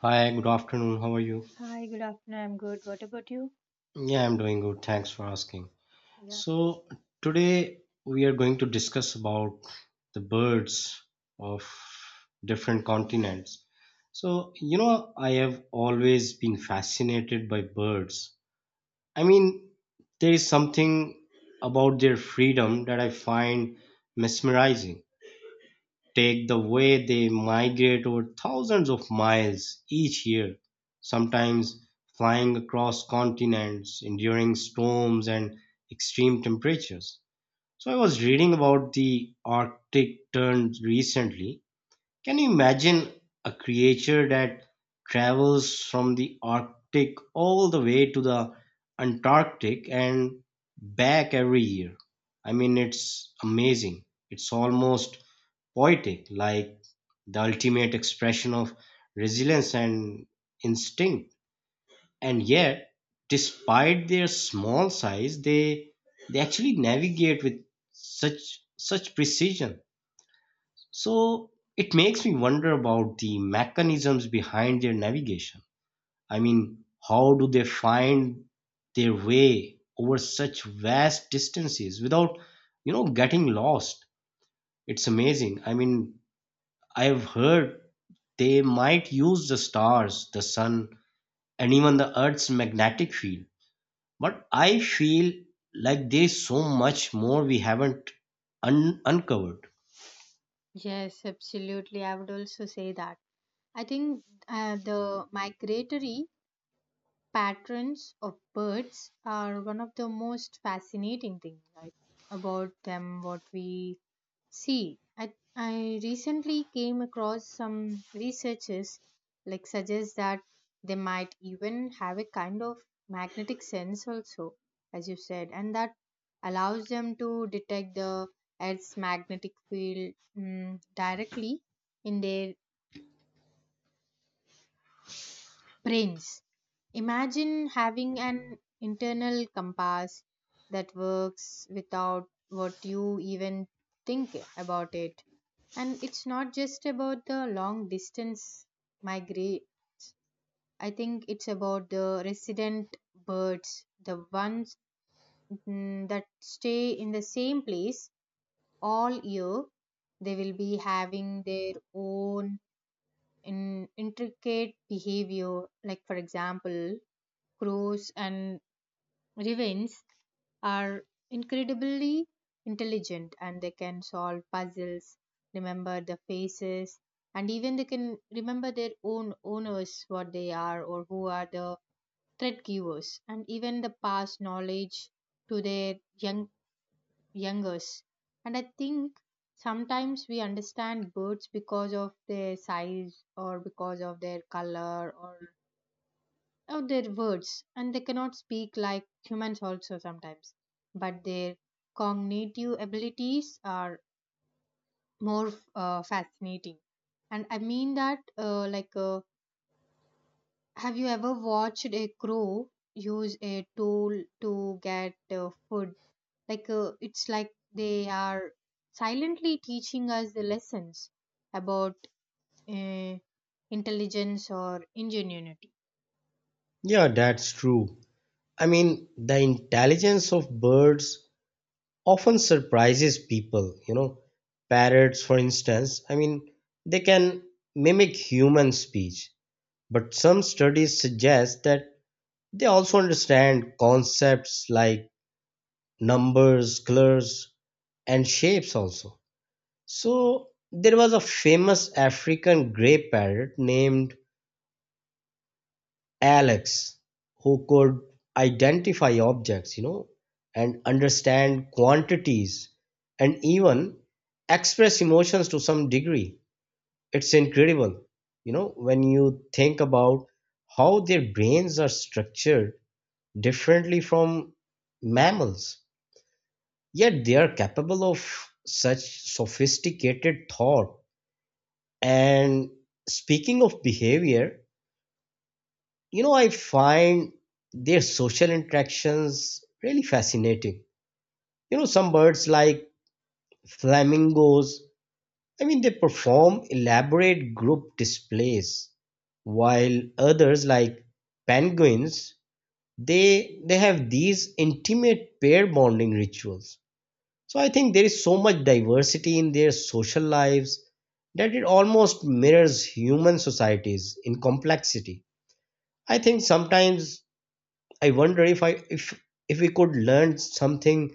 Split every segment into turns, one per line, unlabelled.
Hi, good afternoon. How are you?
Hi, good afternoon. I'm good. What about you?
Yeah, I'm doing good. Thanks for asking.
Yeah.
So, today we are going to discuss about the birds of different continents. So, I have always been fascinated by birds. I mean, there is something about their freedom that I find mesmerizing. Take the way they migrate over thousands of miles each year, sometimes flying across continents, enduring storms and extreme temperatures. So I was reading about the Arctic tern recently. Can you imagine a creature that travels from the Arctic all the way to the Antarctic and back every year? I mean, it's amazing. It's almost poetic, like the ultimate expression of resilience and instinct. And yet, despite their small size, they actually navigate with such precision. So it makes me wonder about the mechanisms behind their navigation. I mean, how do they find their way over such vast distances without getting lost? It's amazing. I mean, I've heard they might use the stars, the sun, and even the Earth's magnetic field. But I feel like there's so much more we haven't uncovered.
Yes, absolutely. I would also say that. I think the migratory patterns of birds are one of the most fascinating things, right, about them, what we See, I recently came across some researchers like suggest that they might even have a kind of magnetic sense also, as you said, and that allows them to detect the Earth's magnetic field directly in their brains. Imagine having an internal compass that works without what you even think about it, and it's not just about the long distance migrate. I think it's about the resident birds, the ones that stay in the same place all year. They will be having their own intricate behavior, like for example crows and ravens are incredibly intelligent and they can solve puzzles, remember the faces, and even they can remember their own owners, what they are or who are the threat givers, and even the past knowledge to their young youngers. And I think sometimes we understand birds because of their size or because of their color or of their words, and they cannot speak like humans also sometimes, but their cognitive abilities are more fascinating, and I mean that have you ever watched a crow use a tool to get food, like it's like they are silently teaching us the lessons about uh, intelligence or ingenuity.
Yeah, that's true. I mean, the intelligence of birds often surprises people. Parrots, for instance, I mean, they can mimic human speech, but some studies suggest that they also understand concepts like numbers, colors, and shapes also. So there was a famous African grey parrot named Alex who could identify objects, and understand quantities and even express emotions to some degree. It's incredible, when you think about how their brains are structured differently from mammals. Yet they are capable of such sophisticated thought. And speaking of behavior, I find their social interactions really fascinating. Some birds like flamingos, I mean, they perform elaborate group displays, while others like penguins, they have these intimate pair bonding rituals. So I think there is so much diversity in their social lives that it almost mirrors human societies in complexity. I think sometimes I wonder if I if we could learn something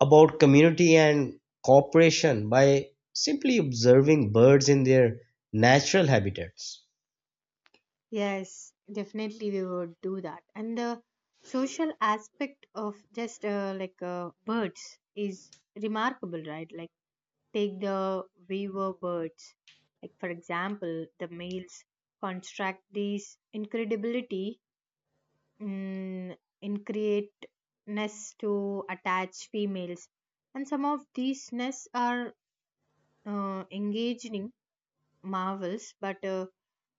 about community and cooperation by simply observing birds in their natural habitats.
Yes, definitely we would do that. And the social aspect of just birds is remarkable, right? Like take the weaver birds. Like for example, the males construct these incredibility mm, in create nests to attach females, and some of these nests are engaging marvels, but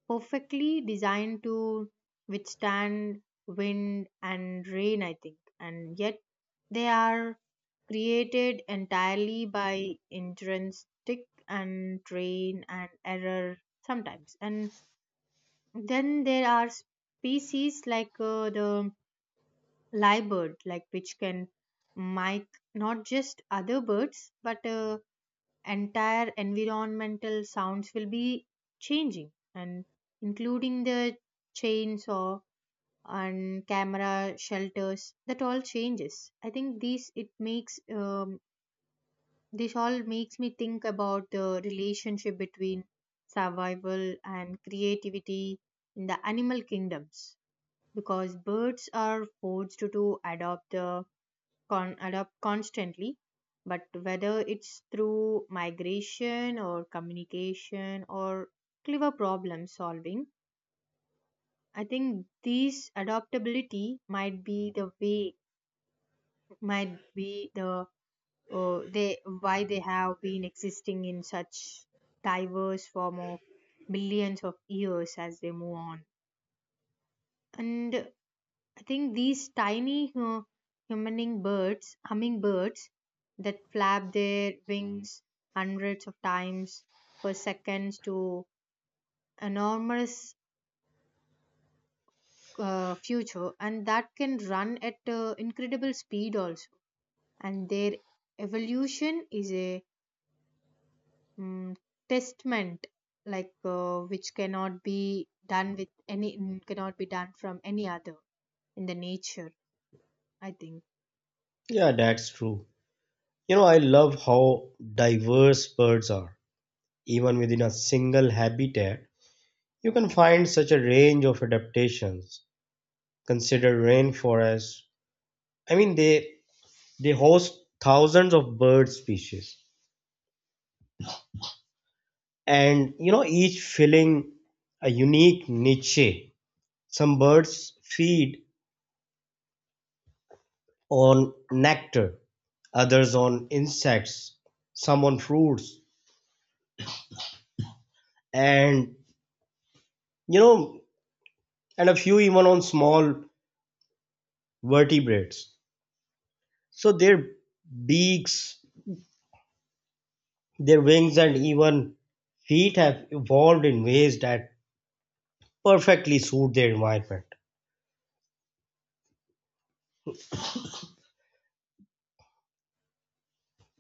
perfectly designed to withstand wind and rain, I think, and yet they are created entirely by intrinsic and train and error sometimes. And then there are species like the lyrebird, like which can mimic not just other birds but entire environmental sounds will be changing and including the chainsaw and camera shelters that all changes. I think these, it makes this all makes me think about the relationship between survival and creativity in the animal kingdoms, because birds are forced to adopt the adapt constantly, but whether it's through migration or communication or clever problem solving, I think these adaptability might be the way, might be the they why they have been existing in such diverse form of millions of years as they move on. And I think these tiny hummingbirds that flap their wings hundreds of times per second to enormous future and that can run at incredible speed also, and their evolution is a um, testament, like which cannot be done with any, cannot be done from any other in the nature, I think.
Yeah, that's true. I love how diverse birds are. Even within a single habitat, you can find such a range of adaptations considered rainforests. I mean, they host thousands of bird species, and each filling a unique niche. Some birds feed on nectar, others on insects, some on fruits, and you know, and a few even on small vertebrates. So their beaks, their wings, and even feet have evolved in ways that perfectly suit their environment.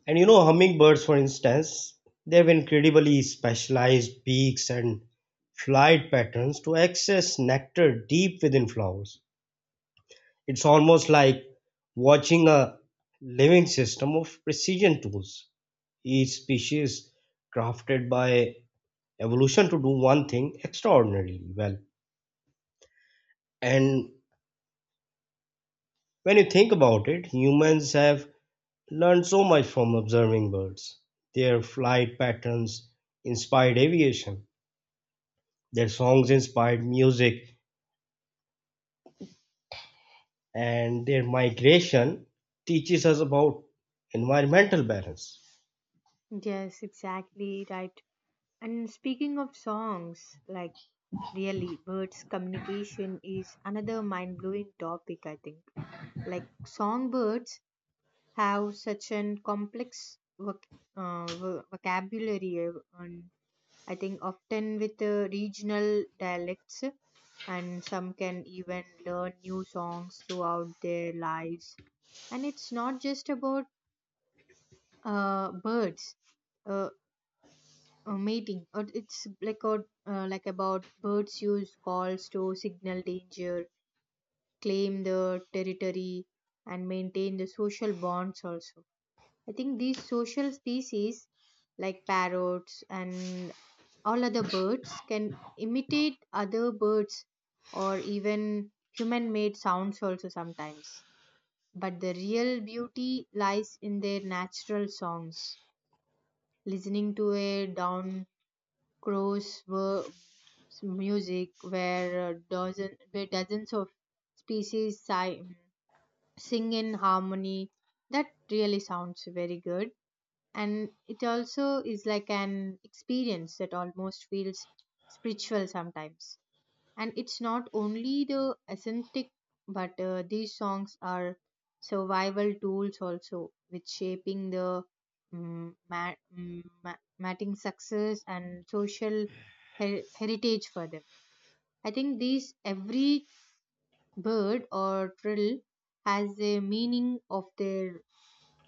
And hummingbirds, for instance, they have incredibly specialized beaks and flight patterns to access nectar deep within flowers. It's almost like watching a living system of precision tools, each species crafted by evolution to do one thing extraordinarily well. And when you think about it, humans have learned so much from observing birds. Their flight patterns inspired aviation. Their songs inspired music, and their migration teaches us about environmental balance.
Yes, exactly, right. And speaking of songs, like really, birds' communication is another mind blowing topic, I think. Like, songbirds have such an complex vocabulary, and I think often with regional dialects, and some can even learn new songs throughout their lives. And it's not just about birds. Uh, a mating or it's like a, about birds use calls to signal danger, claim the territory, and maintain the social bonds also. I think these social species like parrots and all other birds can imitate other birds or even human made sounds also sometimes, but the real beauty lies in their natural songs. Listening to a down crows were music, where dozens of species sing in harmony that really sounds very good. And it also is like an experience that almost feels spiritual sometimes, and it's not only the aesthetic, but these songs are survival tools also, which shaping the matting success and social heritage for them. I think these every bird or trill has a meaning of their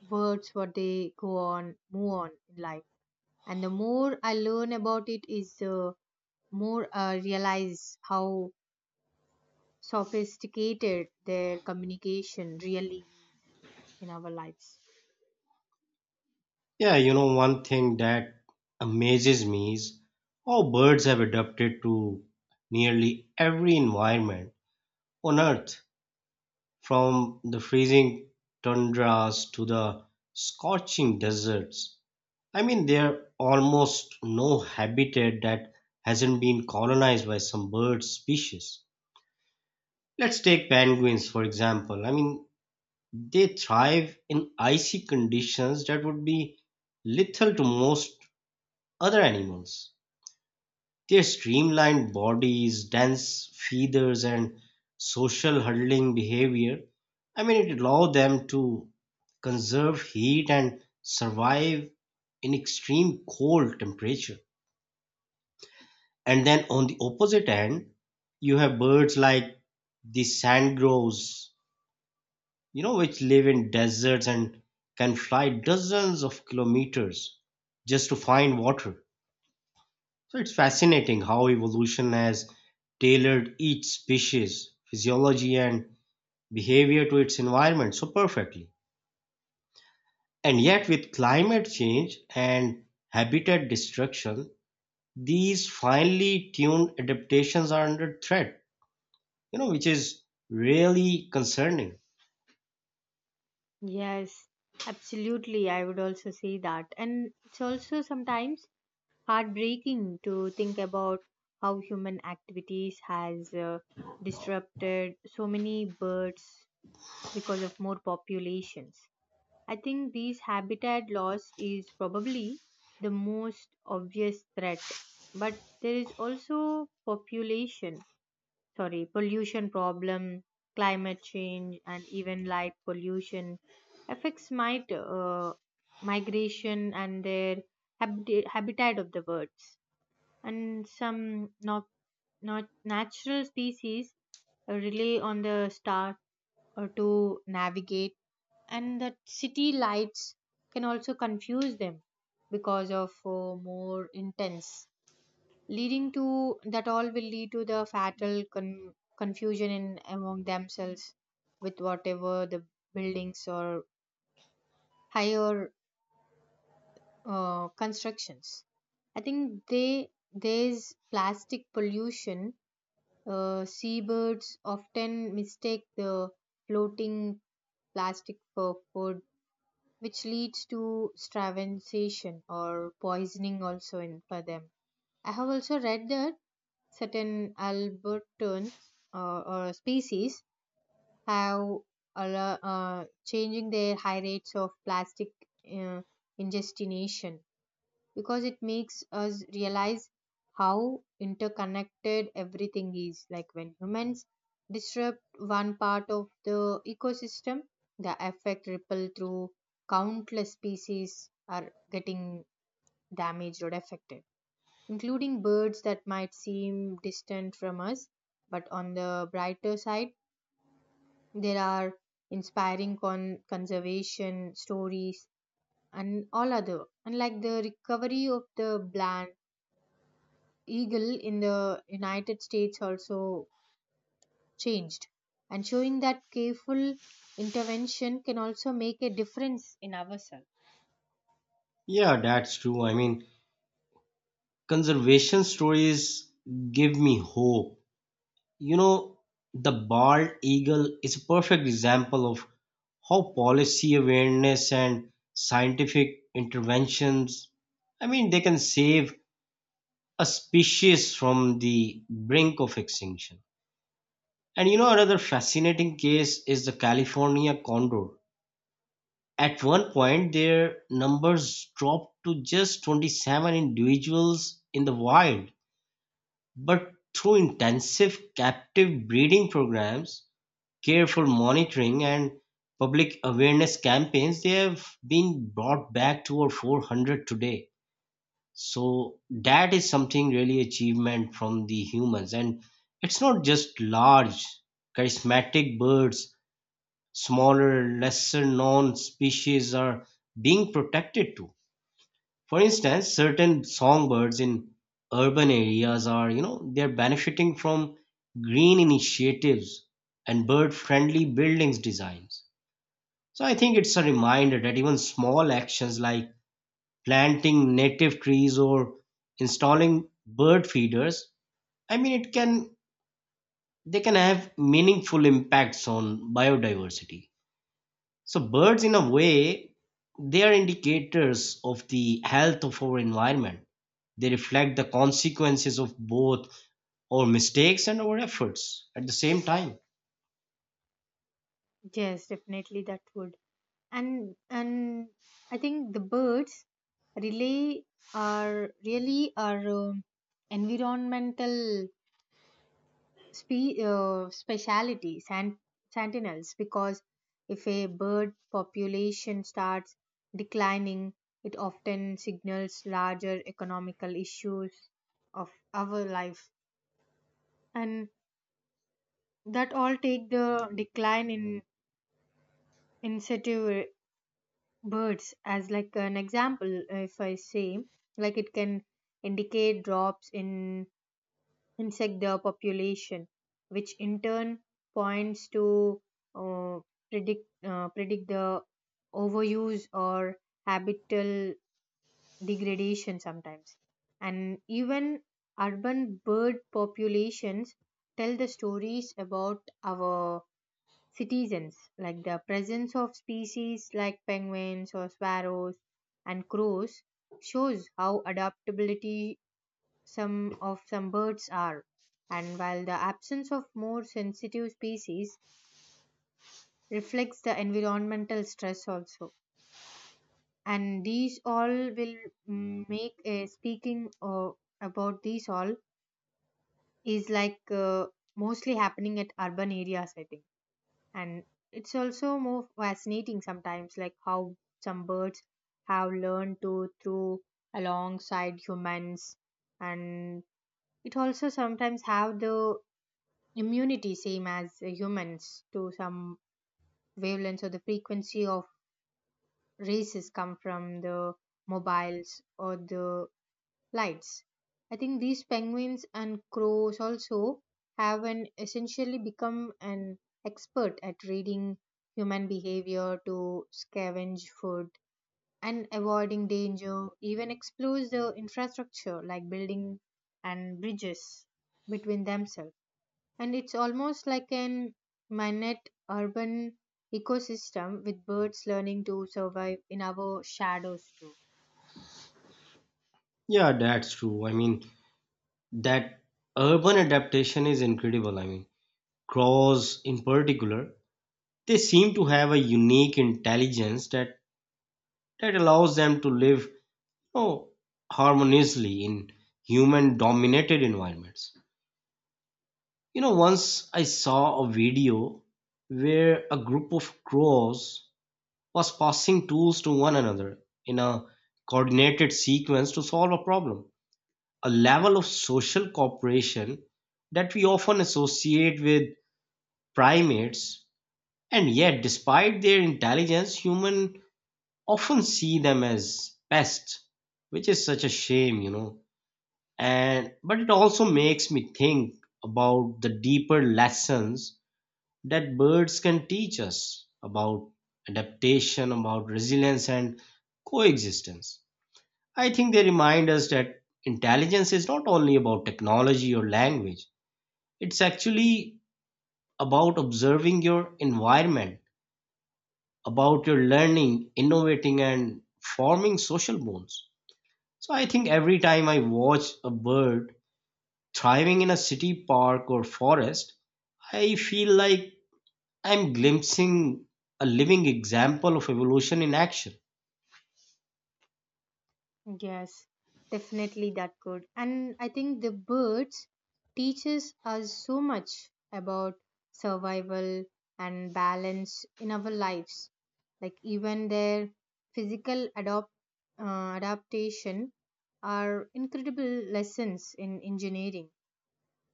words what they go on move on in life. And the more I learn about it is, more I realize how sophisticated their communication really is in our lives.
Yeah, one thing that amazes me is how birds have adapted to nearly every environment on Earth, from the freezing tundras to the scorching deserts. I mean, there almost no habitat that hasn't been colonized by some bird species. Let's take penguins, for example. I mean, they thrive in icy conditions that would be lethal to most other animals. Their streamlined bodies, dense feathers, and social huddling behavior, I mean, it allow them to conserve heat and survive in extreme cold temperature. And then on the opposite end, you have birds like the sandgrouse, which live in deserts and can fly dozens of kilometers just to find water. So it's fascinating how evolution has tailored each species' physiology and behavior to its environment so perfectly. And yet, with climate change and habitat destruction, these finely tuned adaptations are under threat, which is really concerning.
Yes, absolutely. I would also say that. And it's also sometimes heartbreaking to think about how human activities has disrupted so many birds because of more populations. I think these habitat loss is probably the most obvious threat, but there is also population, sorry, pollution problem, climate change and even light pollution affects might migration and their habitat of the birds. And some, not not natural species rely on the star or to navigate, and the city lights can also confuse them because of more intense, leading to that all will lead to the fatal confusion in among themselves with whatever the buildings or higher constructions. I think they, there's plastic pollution. Seabirds often mistake the floating plastic for food, which leads to starvation or poisoning also in for them. I have also read that certain albertine or species have changing their high rates of plastic uh, ingestion, because it makes us realize how interconnected everything is, like when humans disrupt one part of the ecosystem, the effect ripple through countless species are getting damaged or affected, including birds that might seem distant from us. But on the brighter side, there are inspiring conservation stories and all other, and like the recovery of the bland eagle in the United States also changed, and showing that careful intervention can also make a difference in ourselves.
Yeah, that's true. I mean, conservation stories give me hope. You know, the bald eagle is a perfect example of how policy awareness and scientific interventions, I mean, they can save a species from the brink of extinction. And another fascinating case is the California condor. At one point, their numbers dropped to just 27 individuals in the wild. But through intensive captive breeding programs, careful monitoring and public awareness campaigns, they have been brought back to over 400 today. So that is something really achievement from the humans. And it's not just large, charismatic birds, smaller, lesser known species are being protected too. For instance, certain songbirds in urban areas are, they're benefiting from green initiatives and bird-friendly buildings designs. So I think it's a reminder that even small actions like planting native trees or installing bird feeders, I mean, it can they can have meaningful impacts on biodiversity. So birds in a way, they are indicators of the health of our environment. They reflect the consequences of both our mistakes and our efforts at the same time.
Yes, definitely that would. And I think the birds relay are really are environmental speciality sentinels, because if a bird population starts declining, it often signals larger economical issues of our life. And that all take the decline in incentive birds as like an example, if I say, like it can indicate drops in insect their population, which in turn points to uh, predict the overuse or habital degradation sometimes. And even urban bird populations tell the stories about our citizens, like the presence of species like penguins or sparrows and crows shows how adaptability some of some birds are, and while the absence of more sensitive species reflects the environmental stress also, and these all will make a speaking about these all is like mostly happening at urban areas, I think. And it's also more fascinating sometimes, like how some birds have learned to through alongside humans, and it also sometimes have the immunity same as humans to some wavelengths or the frequency of races come from the mobiles or the lights. I think these penguins and crows also have an essentially become an expert at reading human behavior to scavenge food and avoiding danger, even explores the infrastructure like building and bridges between themselves. And it's almost like an minute urban ecosystem with birds learning to survive in our shadows too.
Yeah, that's true. I mean, that urban adaptation is incredible. I mean, crows in particular, they seem to have a unique intelligence that allows them to live, know, harmoniously in human dominated environments. Once I saw a video where a group of crows was passing tools to one another in a coordinated sequence to solve a problem, a level of social cooperation that we often associate with primates. And yet, despite their intelligence, humans often see them as pests, which is such a shame. And but it also makes me think about the deeper lessons that birds can teach us about adaptation, about resilience and coexistence. I think they remind us that intelligence is not only about technology or language, it's actually about observing your environment, about your learning, innovating, and forming social bonds. So I think every time I watch a bird thriving in a city park or forest, I feel like I'm glimpsing a living example of evolution in action.
Yes, definitely that could. And I think the birds teaches us so much about survival and balance in our lives. Like even their physical adopt uh, adaptation are incredible lessons in engineering.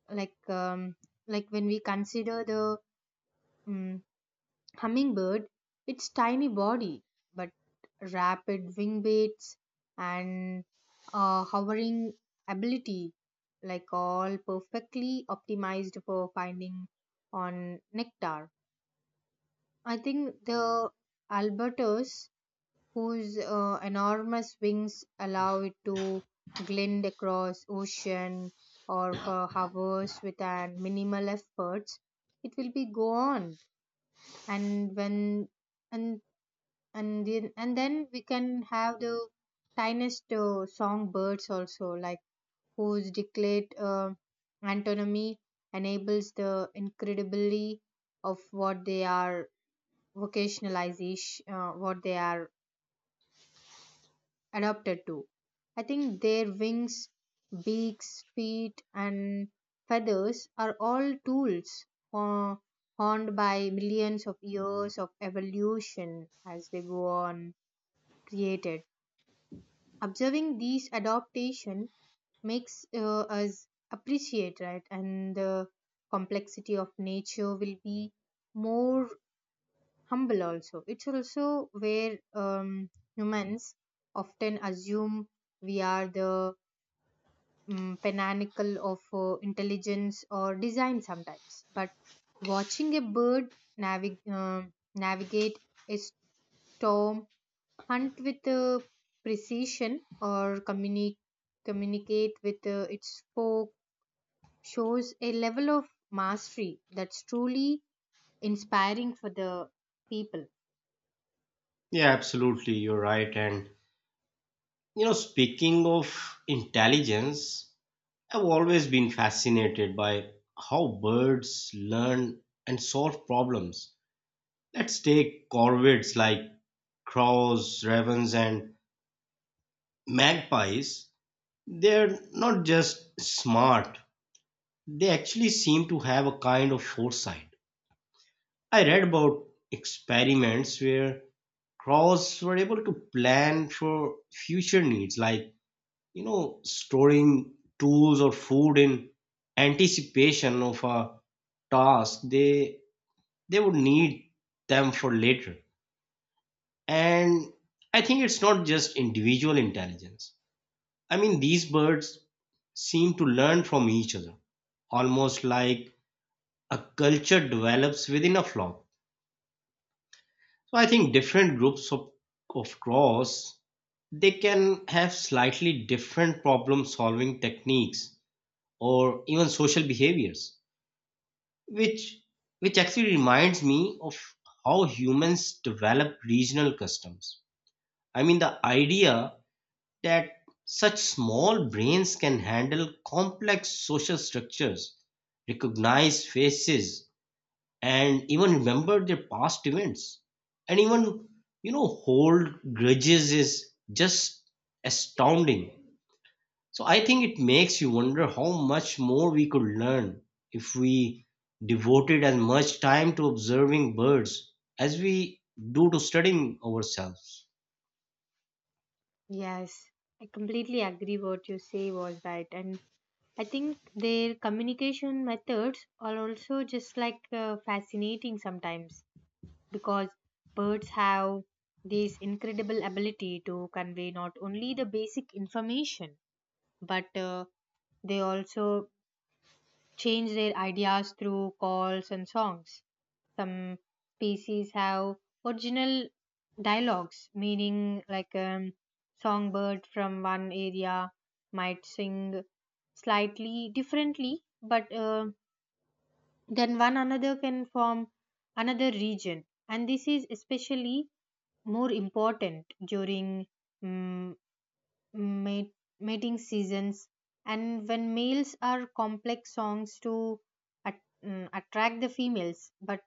Like um, like when we consider the mm, Hummingbird, its tiny body but rapid wing beats and hovering ability, like all perfectly optimized for finding on nectar. I think the albatros, whose enormous wings allow it to glide across ocean or for hours with an minimal efforts, it will be go on and when and and then we can have the tiniest songbirds also, like whose declared antonomy enables the incredibly of what they are vocationalization, what they are adapted to. I think their wings, beaks, feet and feathers are all tools uh, honed by millions of years of evolution as they go on created. Observing these adaptation makes us appreciate, right, and the complexity of nature will be more humble also. It's also where humans often assume we are the pinnacle of intelligence or design sometimes, but watching a bird navig- uh, navigate a storm, hunt with precision or communicate with its folk shows a level of mastery that's truly inspiring for the people.
Yeah, absolutely. You're right. And speaking of intelligence, I've always been fascinated by how birds learn and solve problems. Let's take corvids like crows, ravens, and magpies. They're not just smart, they actually seem to have a kind of foresight. I read about experiments where crops were able to plan for future needs, like storing tools or food in anticipation of a task they would need them for later. And I think it's not just individual intelligence. I mean, these birds seem to learn from each other, almost like a culture develops within a flock. So I think different groups of crows, they can have slightly different problem solving techniques or even social behaviors, which actually reminds me of how humans develop regional customs. I mean, the idea that such small brains can handle complex social structures, recognize faces, and even remember their past events, and even hold grudges, is just astounding. So I think it makes you wonder how much more we could learn if we devoted as much time to observing birds as we do to studying ourselves.
Yes, I completely agree what you say was right. And I think their communication methods are also just like fascinating sometimes, because birds have this incredible ability to convey not only the basic information, but they also change their ideas through calls and songs. Some species have original dialogues, meaning like a songbird from one area might sing slightly differently, but then one another can form another region. And this is especially more important during mm mate, mating seasons and when males are complex songs to at, attract the females, but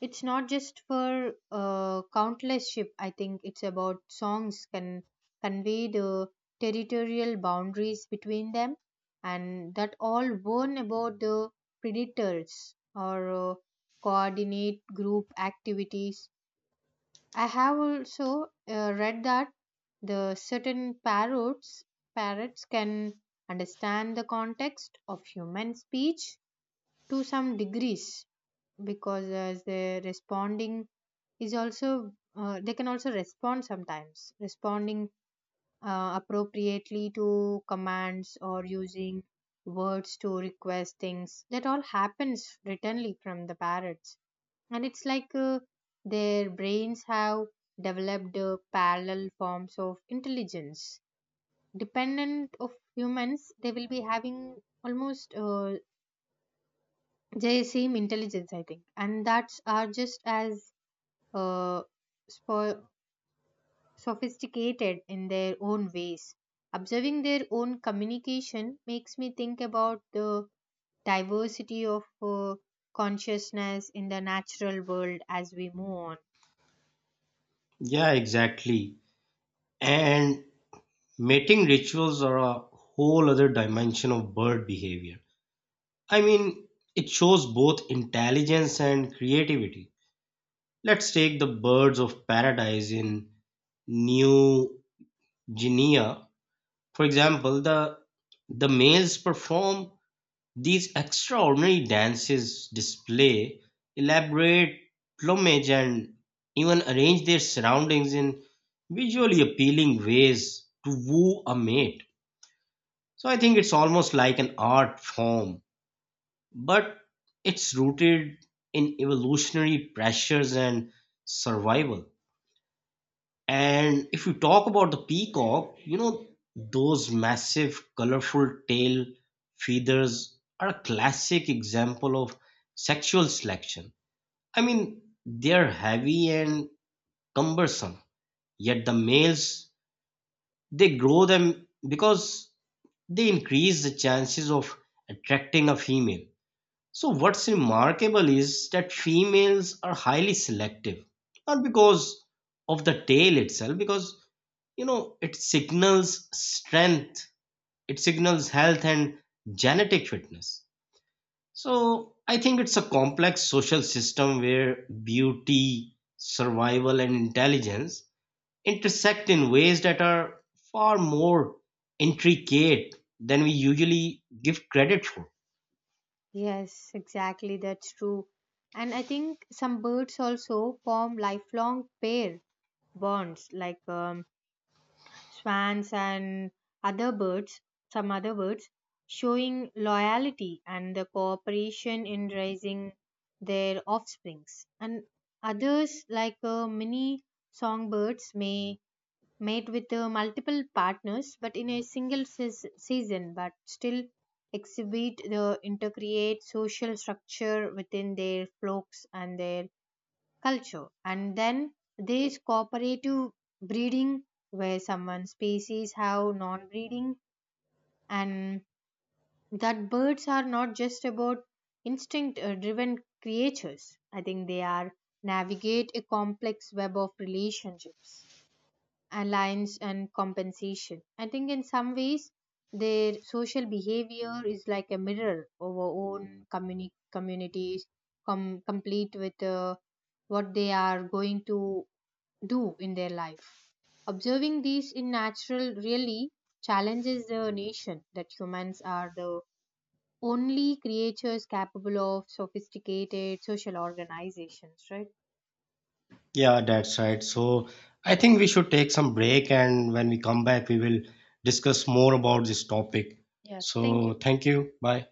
it's not just for countless ship. I think it's about songs can convey the territorial boundaries between them, and that all warn about the predators or coordinate group activities. I have also read that the certain parrots can understand the context of human speech to some degrees, because as they responding is also, they can also respond sometimes responding appropriately to commands or using words to request things that all happens writtenly from the parrots. And it's like their brains have developed parallel forms of intelligence dependent of humans. They will be having almost the same intelligence, I think, and that's are just as uh, spo- sophisticated in their own ways. Observing their own communication makes me think about the diversity of consciousness in the natural world as we move on.
Yeah, exactly. And mating rituals are a whole other dimension of bird behavior. I mean, it shows both intelligence and creativity. Let's take the birds of paradise in New Guinea. For example, the males perform these extraordinary dances, display elaborate plumage, and even arrange their surroundings in visually appealing ways to woo a mate. So I think it's almost like an art form, but it's rooted in evolutionary pressures and survival. And if you talk about the peacock, those massive, colorful tail feathers are a classic example of sexual selection. I mean, they're heavy and cumbersome, yet the males, they grow them because they increase the chances of attracting a female. So, what's remarkable is that females are highly selective, not because of the tail itself, because it signals strength, it signals health and genetic fitness. So I think it's a complex social system where beauty, survival, and intelligence intersect in ways that are far more intricate than we usually give credit for.
Yes, exactly. That's true. And I think some birds also form lifelong pair bonds, like swans and other birds, some other birds, showing loyalty and the cooperation in raising their offsprings. And others, like many songbirds, may made with multiple partners but in a single season, but still exhibit the intercreate social structure within their flocks and their culture. And then there is cooperative breeding where someone species have non-breeding, and that birds are not just about instinct driven creatures. I think they are navigate a complex web of relationships, alliance and compensation. I think in some ways their social behavior is like a mirror of our own communities, complete with what they are going to do in their life. Observing these in natural really challenges the nation that humans are the only creatures capable of sophisticated social organizations, right?
Yeah, that's right. So I think we should take some break, and when we come back, we will discuss more about this topic.
Yeah, thank
So
you.
thank you. Bye.